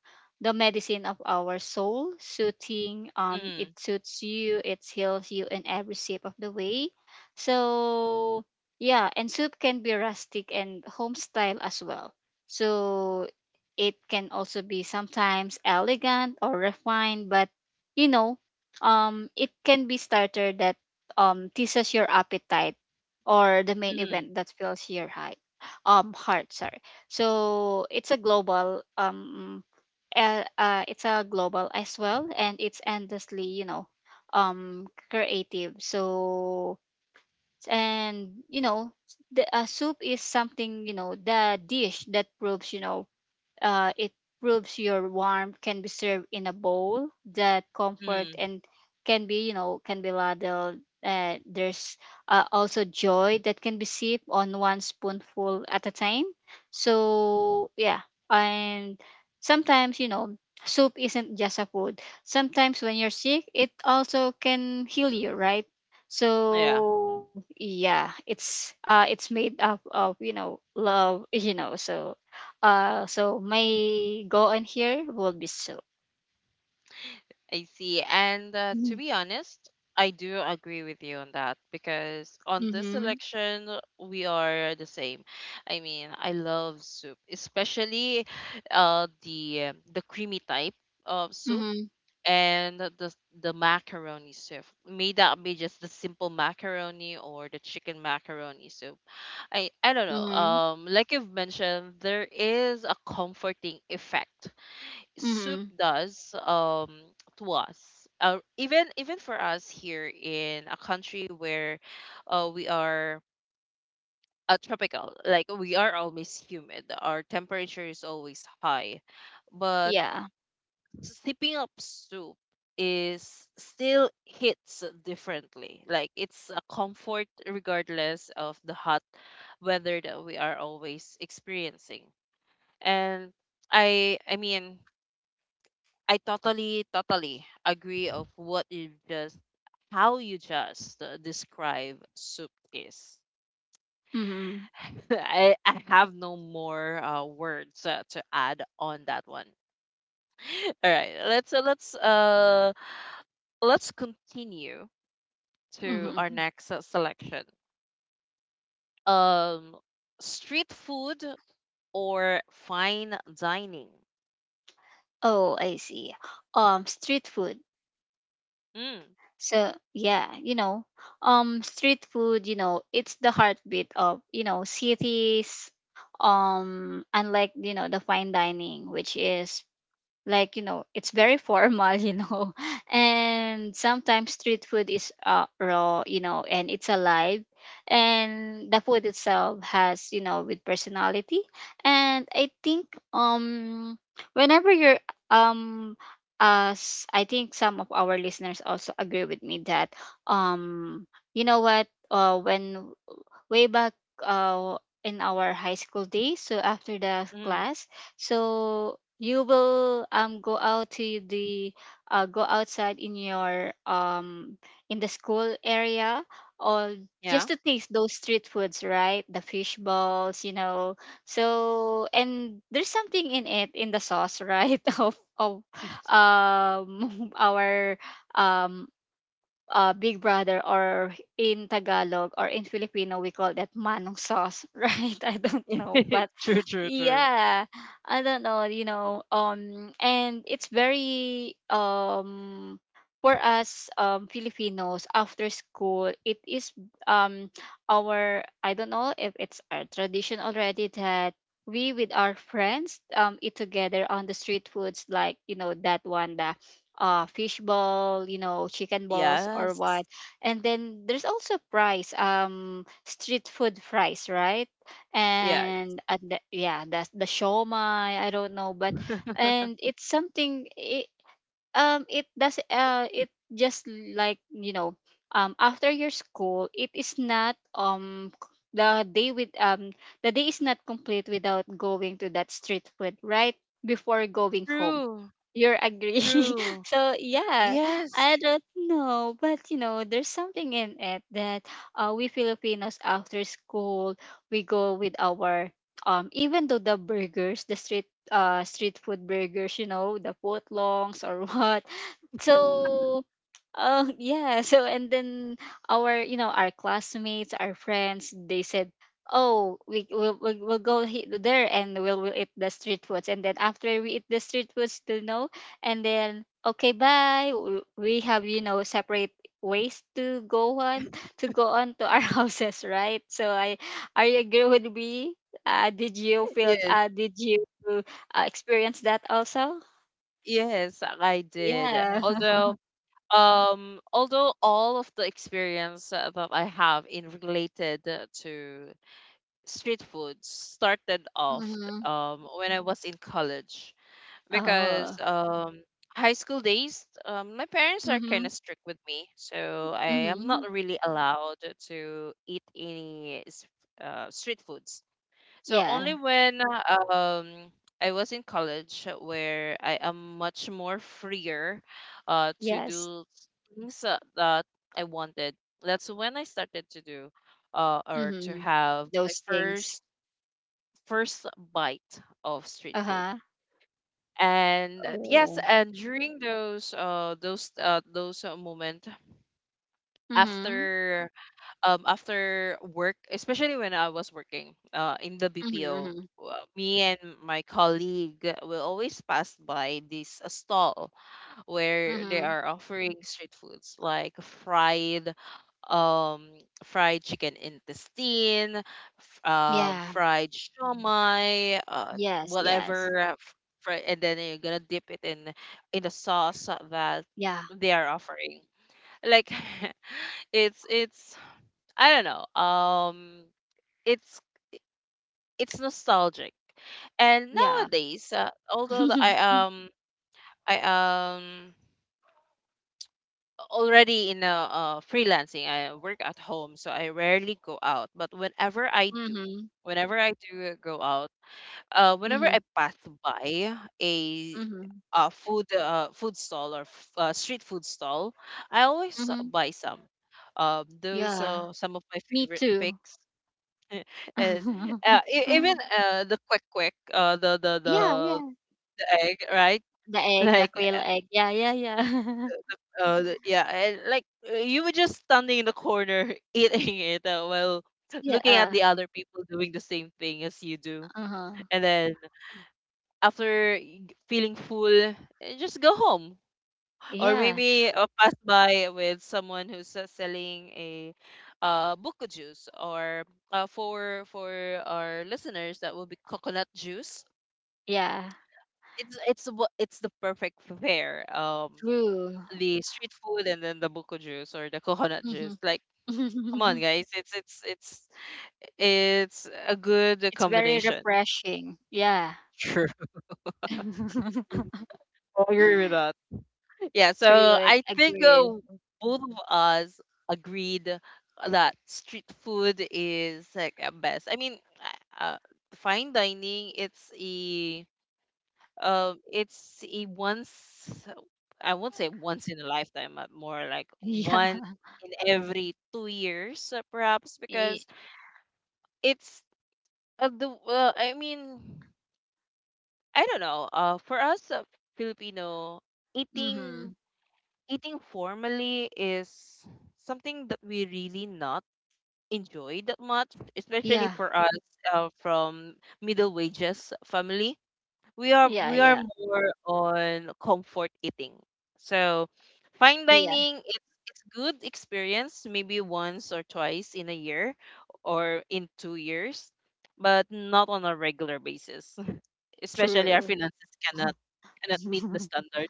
B: the medicine of our soul, soothing.
A: Mm-hmm.
B: It suits you, it heals you in every shape of the way. So yeah, and soup can be rustic and home style as well. So it can also be sometimes elegant or refined, but you know, it can be starter that teases your appetite, or the main
A: Mm-hmm.
B: event that fills your height, heart, sorry. So it's a global as well, and it's endlessly, you know, creative. So, and you know, the soup is something, you know, the dish that proves, you know, it proves your warmth can be served in a bowl, that comfort
A: Mm-hmm.
B: and can be, you know, can be ladled. There's also joy that can be sipped on one spoonful at a time. So, yeah. And sometimes, you know, soup isn't just a food. Sometimes when you're sick, it also can heal you, right?
A: Yeah.
B: So yeah, it's made up of, you know, love, you know, so so my go in here will be soup.
A: I see. And to
B: Mhm.
A: be honest, I do agree with you on that, because on this
B: Mm-hmm.
A: election, we are the same. I mean, I love soup, especially the creamy type of soup,
B: Mm-hmm.
A: and the macaroni soup. May that be just the simple macaroni or the chicken macaroni soup. I don't know.
B: Mm-hmm.
A: Like you've mentioned, there is a comforting effect soup
B: Mm-hmm.
A: does to us, even even for us here in a country where we are tropical, like we are always humid, our temperature is always high, but
B: Yeah.
A: sipping up soup is still hits differently, like it's a comfort regardless of the hot weather that we are always experiencing. And I mean, I totally, totally agree of what you just, how you just describe soup is.
B: Mm-hmm.
A: I have no more words to add on that one. All right, let's let's continue to our
B: Mm-hmm.
A: next selection. Um, street food or fine dining?
B: Oh, I see. Street food.
A: Mm,
B: So yeah, you know, Street food. It's the heartbeat of cities. Unlike the fine dining, which is like it's very formal and sometimes street food is raw and it's alive, and the food itself has with personality. And I think um Whenever you're um us I think some of our listeners also agree with me that, um you know what when way back uh, in our high school days. So after the
A: mm,
B: class, so you will go out to the, go outside in your in the school area, or
A: yeah.
B: just to taste those street foods, right? The fish balls, you know. So and there's something in it in the sauce, right? Of our um Big Brother, or in Tagalog or in Filipino, we call that manong sauce, right? I don't know, but
A: True, true, true.
B: yeah, I don't know, and it's very for us Filipinos. After school, it is um our, I don't know if it's our tradition already, that we with our friends eat together on the street foods, like that one, the fish ball, chicken balls, or
A: Yes,
B: what. And then there's also fries, street food fries, right?
A: yes.
B: And at the, yeah, that's the shomai, I don't know, but, and it's something I, it does, it just like after your school, it is not the day with the day is not complete without going to that street food, right? Before going home,
A: True,
B: you're agree.
A: true.
B: So yeah,
A: Yes,
B: I don't know, but you know there's something in it that, we Filipinos after school, we go with our, even though the burgers, the street, street food burgers, you know, the footlongs or what. So, oh, yeah. So and then our, you know, our classmates, our friends, they said, "Oh, we'll there and we'll eat the street foods." And then after we eat the street foods, you know, and then okay, bye. We have, you know, separate ways to go on to go on to our houses, right? So I, are you agree with me? Did you feel?
A: yes,
B: Did you experience that also?
A: yes, I did.
B: Yeah.
A: Although, although all of the experience that I have in related to street food started off
B: Hmm.
A: when I was in college, because
B: Oh.
A: high school days, my parents are kind
B: Mm-hmm.
A: of strict with me, so I am
B: Mm-hmm.
A: not really allowed to eat any street foods. So only
B: Yeah.
A: when um I was in college, where I am much more freer to
B: Yes.
A: do things that I wanted. That's when I started to do or to
B: Mm-hmm.
A: have my
B: Those things.
A: first bite of street food.
B: Uh-huh.
A: And
B: Oh.
A: yes, and during those moment
B: Mm-hmm.
A: after after work, especially when I was working in the
B: Mm-hmm.
A: BPO,
B: Mm-hmm.
A: me and my colleague will always pass by this stall where they
B: Mm-hmm.
A: are offering street foods like fried, um fried chicken intestine,
B: Yeah.
A: fried shawmai,
B: Yes. Yes.
A: whatever and then you're gonna dip it in the sauce that
B: Yeah.
A: they are offering, like it's I don't know. It's it's nostalgic, and
B: Yeah.
A: nowadays, although the,
B: Mm-hmm.
A: um I already in a freelancing, I work at home, so I rarely go out. But
B: Mm-hmm.
A: whenever I do go out, whenever I pass by a
B: Mm-hmm.
A: food stall or street food stall, I always
B: Mm-hmm.
A: buy some. Those
B: Yeah.
A: are some of my
B: Me
A: favorite
B: too.
A: picks. And even the quick quick
B: Yeah. Yeah.
A: the egg, right?
B: The egg, the
A: Like,
B: quail egg. Yeah. Yeah. Yeah.
A: yeah, and like, you were just standing in the corner eating it while
B: Yeah.
A: looking at the other people doing the same thing as you do,
B: Uh-huh.
A: and then after y- feeling full, just go home, or
B: Yeah.
A: maybe pass by with someone who's selling a buko juice, or for our listeners, that will be coconut juice.
B: Yeah.
A: It's the perfect pair.
B: True.
A: The street food and then the buko juice or the coconut
B: Mm-hmm.
A: juice. Like, come on, guys, it's it's a good
B: It's very
A: combination.
B: refreshing. Yeah.
A: Sure, I agree with that. Yeah,
B: True.
A: so
B: I
A: I think
B: agree.
A: both of us agreed that street food is like a best. I mean, uh, uh, fine dining, it's a once, I won't say once in a lifetime, but more like one
B: Yeah.
A: in every 2 years, perhaps, because
B: E,
A: it's the I mean, I don't know. For us, Filipino, eating
B: mm-hmm.
A: eating formally is something that we really not enjoy that much, especially
B: Yeah.
A: for us from middle wages family,
B: Yeah.
A: we are
B: Yeah.
A: more on comfort eating. So fine
B: Yeah.
A: dining, it's good experience maybe once or twice in a year or in 2 years, but not on a regular basis. Especially our
B: True.
A: finances cannot meet the standard.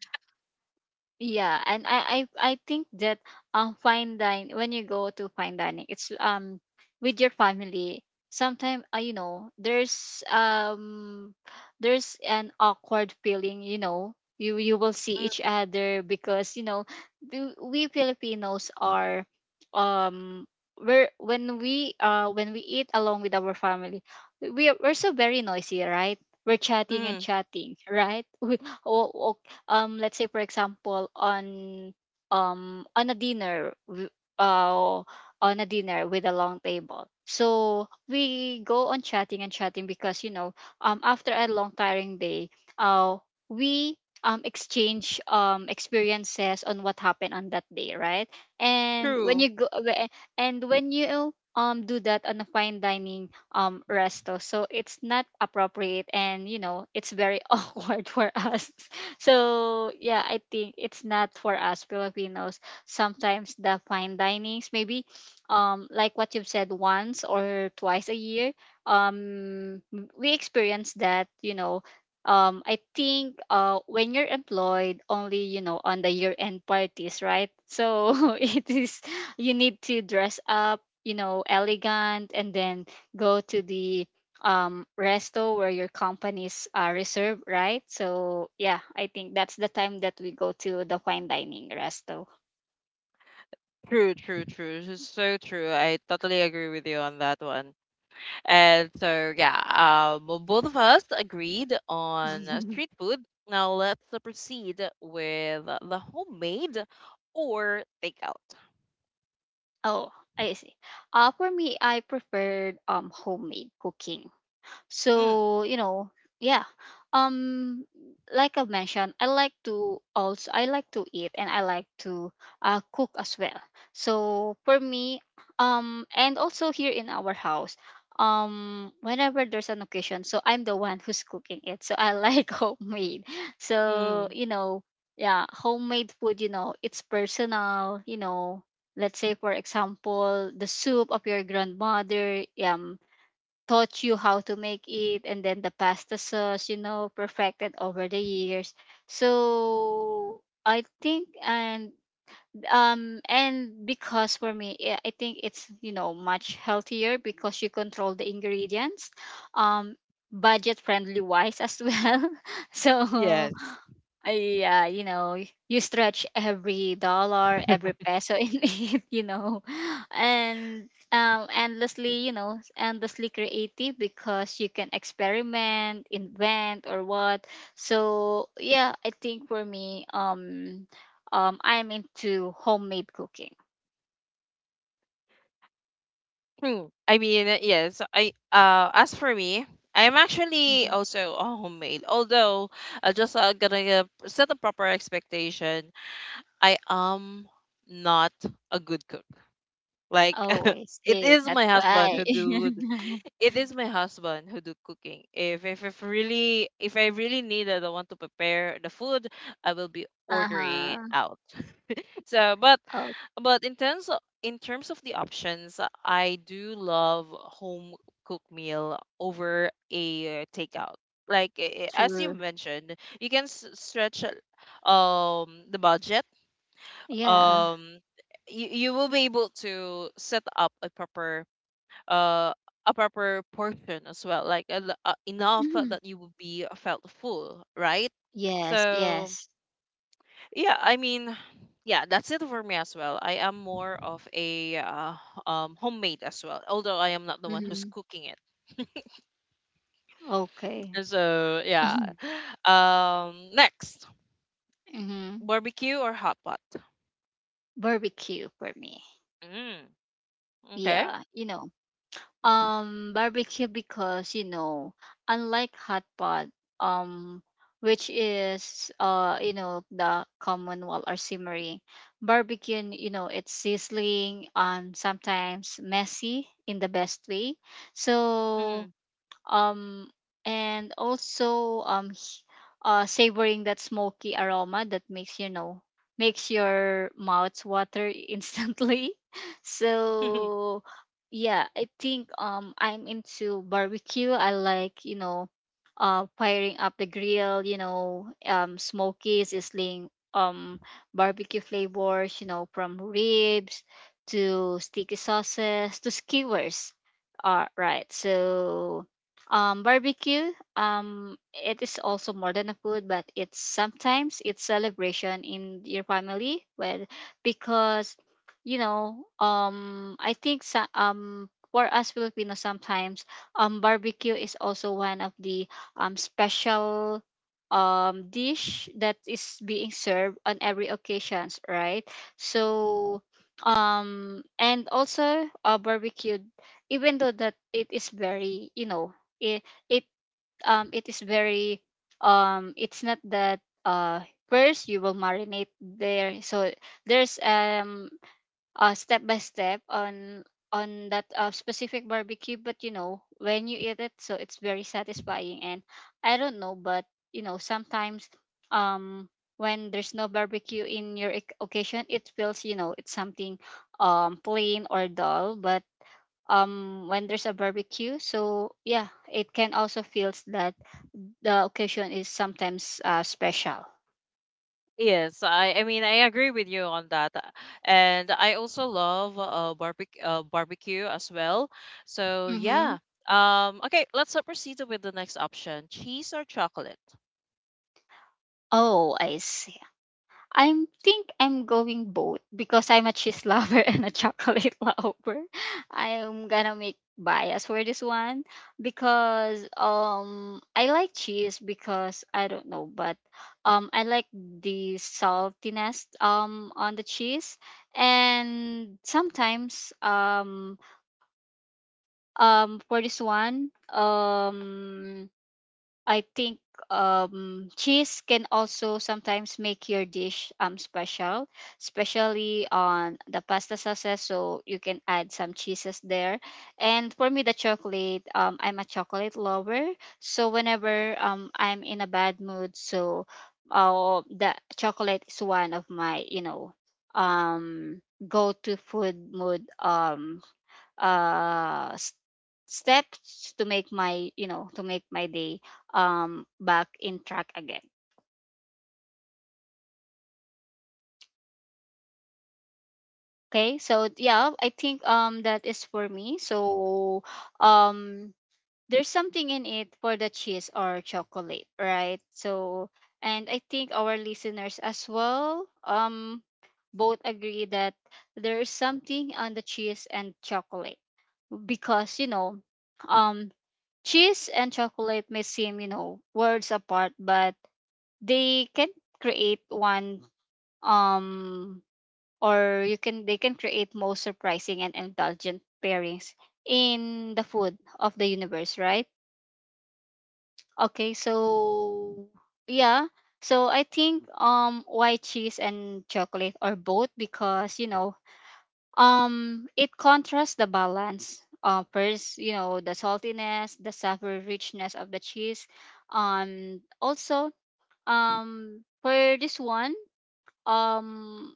B: Yeah, and I think that fine dining, when you go to fine dining, it's with your family. Sometimes you know, there's an awkward feeling. You know, you will see each other because you know we Filipinos are um we're when we eat along with our family, we're so very noisy, right? We're chatting and
A: Mm-hmm.
B: chatting, right? We, oh, let's say for example on, on a dinner uh on a dinner with a long table. So we go on chatting and chatting because you know after a long tiring day, uh we exchange experiences on what happened on that day, right? And when
A: True.
B: you go whe- and when you do that on a fine dining resto, so it's not appropriate, and you know it's very awkward for us. So yeah, I think it's not for us Filipinos. Sometimes the fine dinings, maybe like what you've said, once or twice a year, um we experience that, you know. I think when you're employed, only you know on the year-end parties, right? So it is you need to dress up, you know, elegant, and then go to the resto where your companies are reserved, right? So yeah, I think that's the time that we go to the fine dining resto.
A: True, true, true. This is so true. I totally agree with you on that one. And so, yeah, both of us agreed on street food. Now let's proceed with the homemade or takeout.
B: Oh, I see. For me, I preferred homemade cooking.
A: Mm,
B: So you know, yeah, um like I mentioned, I like to also, I like to eat and I like to cook as well. So for me, and also here in our house, whenever there's an occasion, so I'm the one who's cooking it, so I like homemade. So
A: mm,
B: you know, yeah, homemade food, you know, it's personal, you know. Let's say for example the soup of your grandmother taught you how to make it, and then the pasta sauce, you know, perfected over the years. So I think, and because for me, yeah, I think it's you know much healthier because you control the ingredients, um budget friendly wise as well. So
A: Yes.
B: I, yeah, you know, you stretch every dollar, every peso in it, you know, and endlessly, you know, endlessly creative because you can experiment, invent, or what. So yeah, I think for me, I'm into homemade cooking.
A: Hmm. I mean, yes, I as for me, I'm actually
B: Mhm.
A: also a homemade. Although, I just gonna set a proper expectation, I am not a good cook. Like
B: Oh, I
A: it
B: see.
A: is
B: That's
A: my husband
B: why.
A: who do th- it is my husband who do cooking. If I really need that I want to prepare the food, I will be
B: Uh
A: ordering it
B: huh.
A: out. So, but
B: Oh,
A: but in terms of the options, I do love home cooked meal over a takeout. Like as you
B: true.
A: mentioned, you can stretch the budget.
B: Yeah.
A: um you, you will be able to set up uh a proper portion as well like enough
B: Mhm.
A: that you will be felt full, right?
B: Yes.
A: So
B: Yes.
A: yeah, I mean, yeah, that's it for me as well. I am more of a homemade as well, although I am not the one who's
B: Hmm.
A: cooking it.
B: Okay.
A: And so yeah. Next,
B: Hmm.
A: barbecue or hot pot?
B: Barbecue for me.
A: mm, okay.
B: Yeah, you know, barbecue because you know, unlike hot pot, um, which is you know, the common wall or simmering, barbecue, you know, it's sizzling and sometimes messy in the best way. So
A: Mm.
B: um and also savoring that smoky aroma that makes you know makes your mouth water instantly. So yeah, I think I'm into barbecue. I like, you know, firing up the grill, you know, smoky, sizzling, barbecue flavors, you know, from ribs to sticky sauces to skewers, right? So barbecue, it is also more than a food, but it's sometimes it's celebration in your family. Well, because you know, I think so, for us Filipinos sometimes barbecue is also one of the special dish that is being served on every occasions, right? So and also barbecue, even though that it is very you know it it it is very it's not that first you will marinate there, so there's a step by step on that specific barbecue, but you know when you eat it so it's very satisfying, and I don't know, but you know sometimes um when there's no barbecue in your occasion, it feels, you know, it's something plain or dull, but when there's a barbecue, so yeah, it can also feels that the occasion is sometimes special.
A: Yes, I mean I agree with you on that. And I also love barbecue as well. So
B: Mm-hmm.
A: yeah, okay, let's proceed with the next option: cheese or chocolate.
B: Oh, I see. I think I'm going both because I'm a cheese lover and a chocolate lover. I'm gonna make bias for this one because I like cheese because I don't know, but I like the saltiness on the cheese. And sometimes for this one, I think cheese can also sometimes make your dish special, especially on the pasta sauces. So you can add some cheeses there. And for me, the chocolate. I'm a chocolate lover. So whenever I'm in a bad mood, so the chocolate is one of my, you know, um go to food mood uh s- steps to make my, you know, to make my day back in track again. Okay, so yeah, I think that is for me. So um there's something in it for the cheese or chocolate, right? So and I think our listeners as well both agree that there is something on the cheese and chocolate. Because you know, um cheese and chocolate may seem, you know, words apart, but they can create one, um or you can, they can create most surprising and indulgent pairings in the food of the universe, right? Okay, so yeah. So I think why cheese and chocolate or both? Because you know, it contrasts the balance. First, you know, the saltiness, the savory richness of the cheese. Also, for this one, um,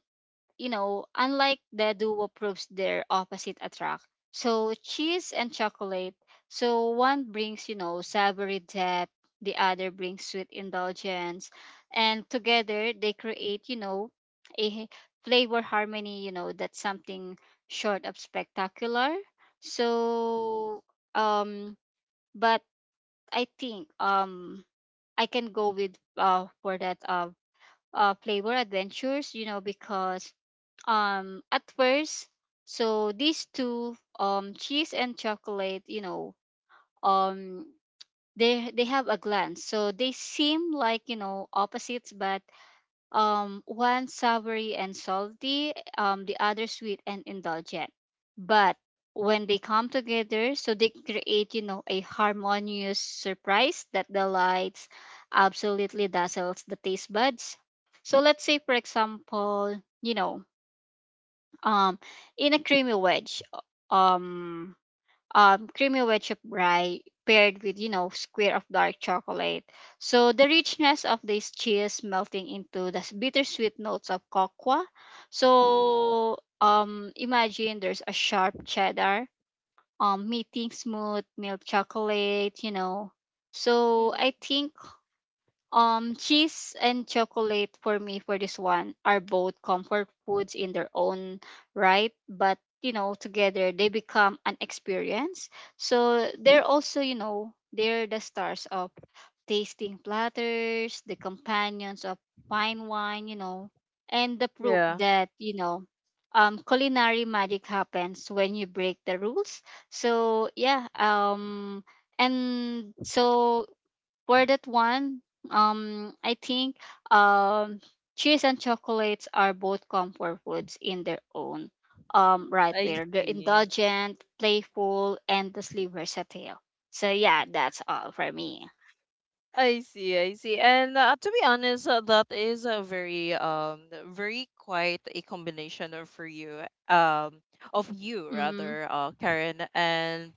B: you know, unlike the duo proves their opposite attract. So cheese and chocolate. So one brings, you know, savory depth, the other brings sweet indulgence. And together they create, you know, a flavor harmony, you know, that's something short of spectacular. So um but I think I can go with for that flavor adventures, you know, because at first, so these two cheese and chocolate, you know, um they have a glance, so they seem like you know opposites, but one savory and salty, the other sweet and indulgent, but when they come together, so they create, you know, a harmonious surprise that delights, absolutely dazzles the taste buds. So let's say for example, you know, um in a creamy wedge um creamy wedge of rye paired with, you know, square of dark chocolate, so the richness of this cheese melting into the bittersweet notes of cocoa. So imagine there's a sharp cheddar meeting smooth milk chocolate, you know. So I think cheese and chocolate for me for this one are both comfort foods in their own right, but you know, together they become an experience. So they're also, you know, they're the stars of tasting platters, the companions of fine wine, you know, and the proof
A: Yeah,
B: that, you know, culinary magic happens when you break the rules. So yeah, and so for that one, I think um, cheese and chocolates are both comfort foods in their own right,
A: I
B: where they're
A: see.
B: indulgent, playful, endlessly versatile. So yeah, that's all for me.
A: I see, I see. And to be honest, that is a very very quite a combination of for you um of you
B: Mm-hmm.
A: rather, uh, Karen, and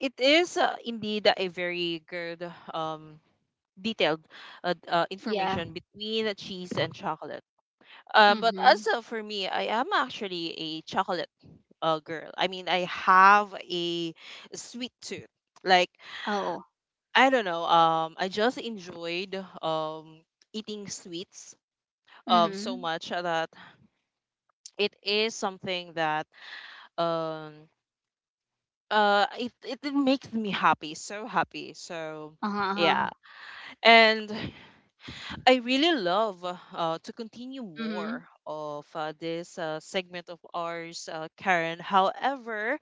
A: it is indeed a very good detailed,
B: Yeah.
A: information between the cheese and chocolate. But
B: Mm-hmm.
A: also for me, I am actually a chocolate girl. I mean, I have a sweet tooth. Like
B: Oh.
A: I don't know. I just enjoyed um eating sweets so
B: Mm-hmm.
A: much that it is something that um it it makes me happy. So yeah,
B: Uh-huh.
A: and I really love to continue
B: Mm-hmm.
A: more of this segment of ours, Karen. However,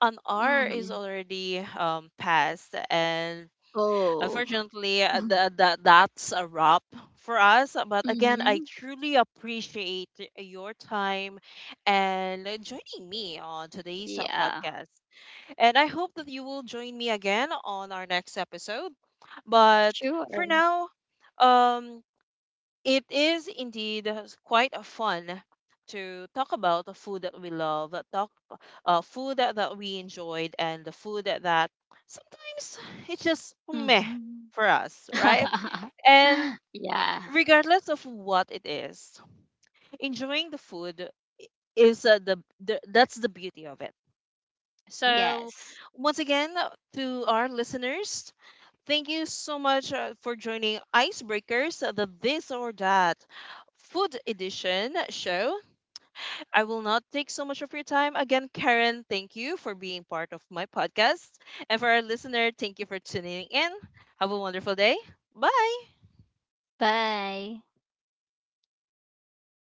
A: an hour is
B: Mm-hmm.
A: already passed, and
B: Oh.
A: unfortunately, that's a wrap for us. But again, I
B: Mm-hmm.
A: truly appreciate your time and joining me on today's
B: Yeah.
A: podcast. And I hope that you will join me again on our next episode. But
B: Sure.
A: for now, um it is indeed quite a fun to talk about the food that we love, talk food that, that we enjoyed, and the food that, that sometimes it's just meh
B: Mm-hmm.
A: for us, right? And
B: Yeah.
A: regardless of what it is, enjoying the food is the that's the beauty of it. So,
B: Yes.
A: once again, to our listeners, thank you so much for joining Icebreakers, the This or That Food Edition show. I will not take so much of your time. Again, Karen, thank you for being part of my podcast. And for our listener, thank you for tuning in. Have a wonderful day. Bye.
B: Bye.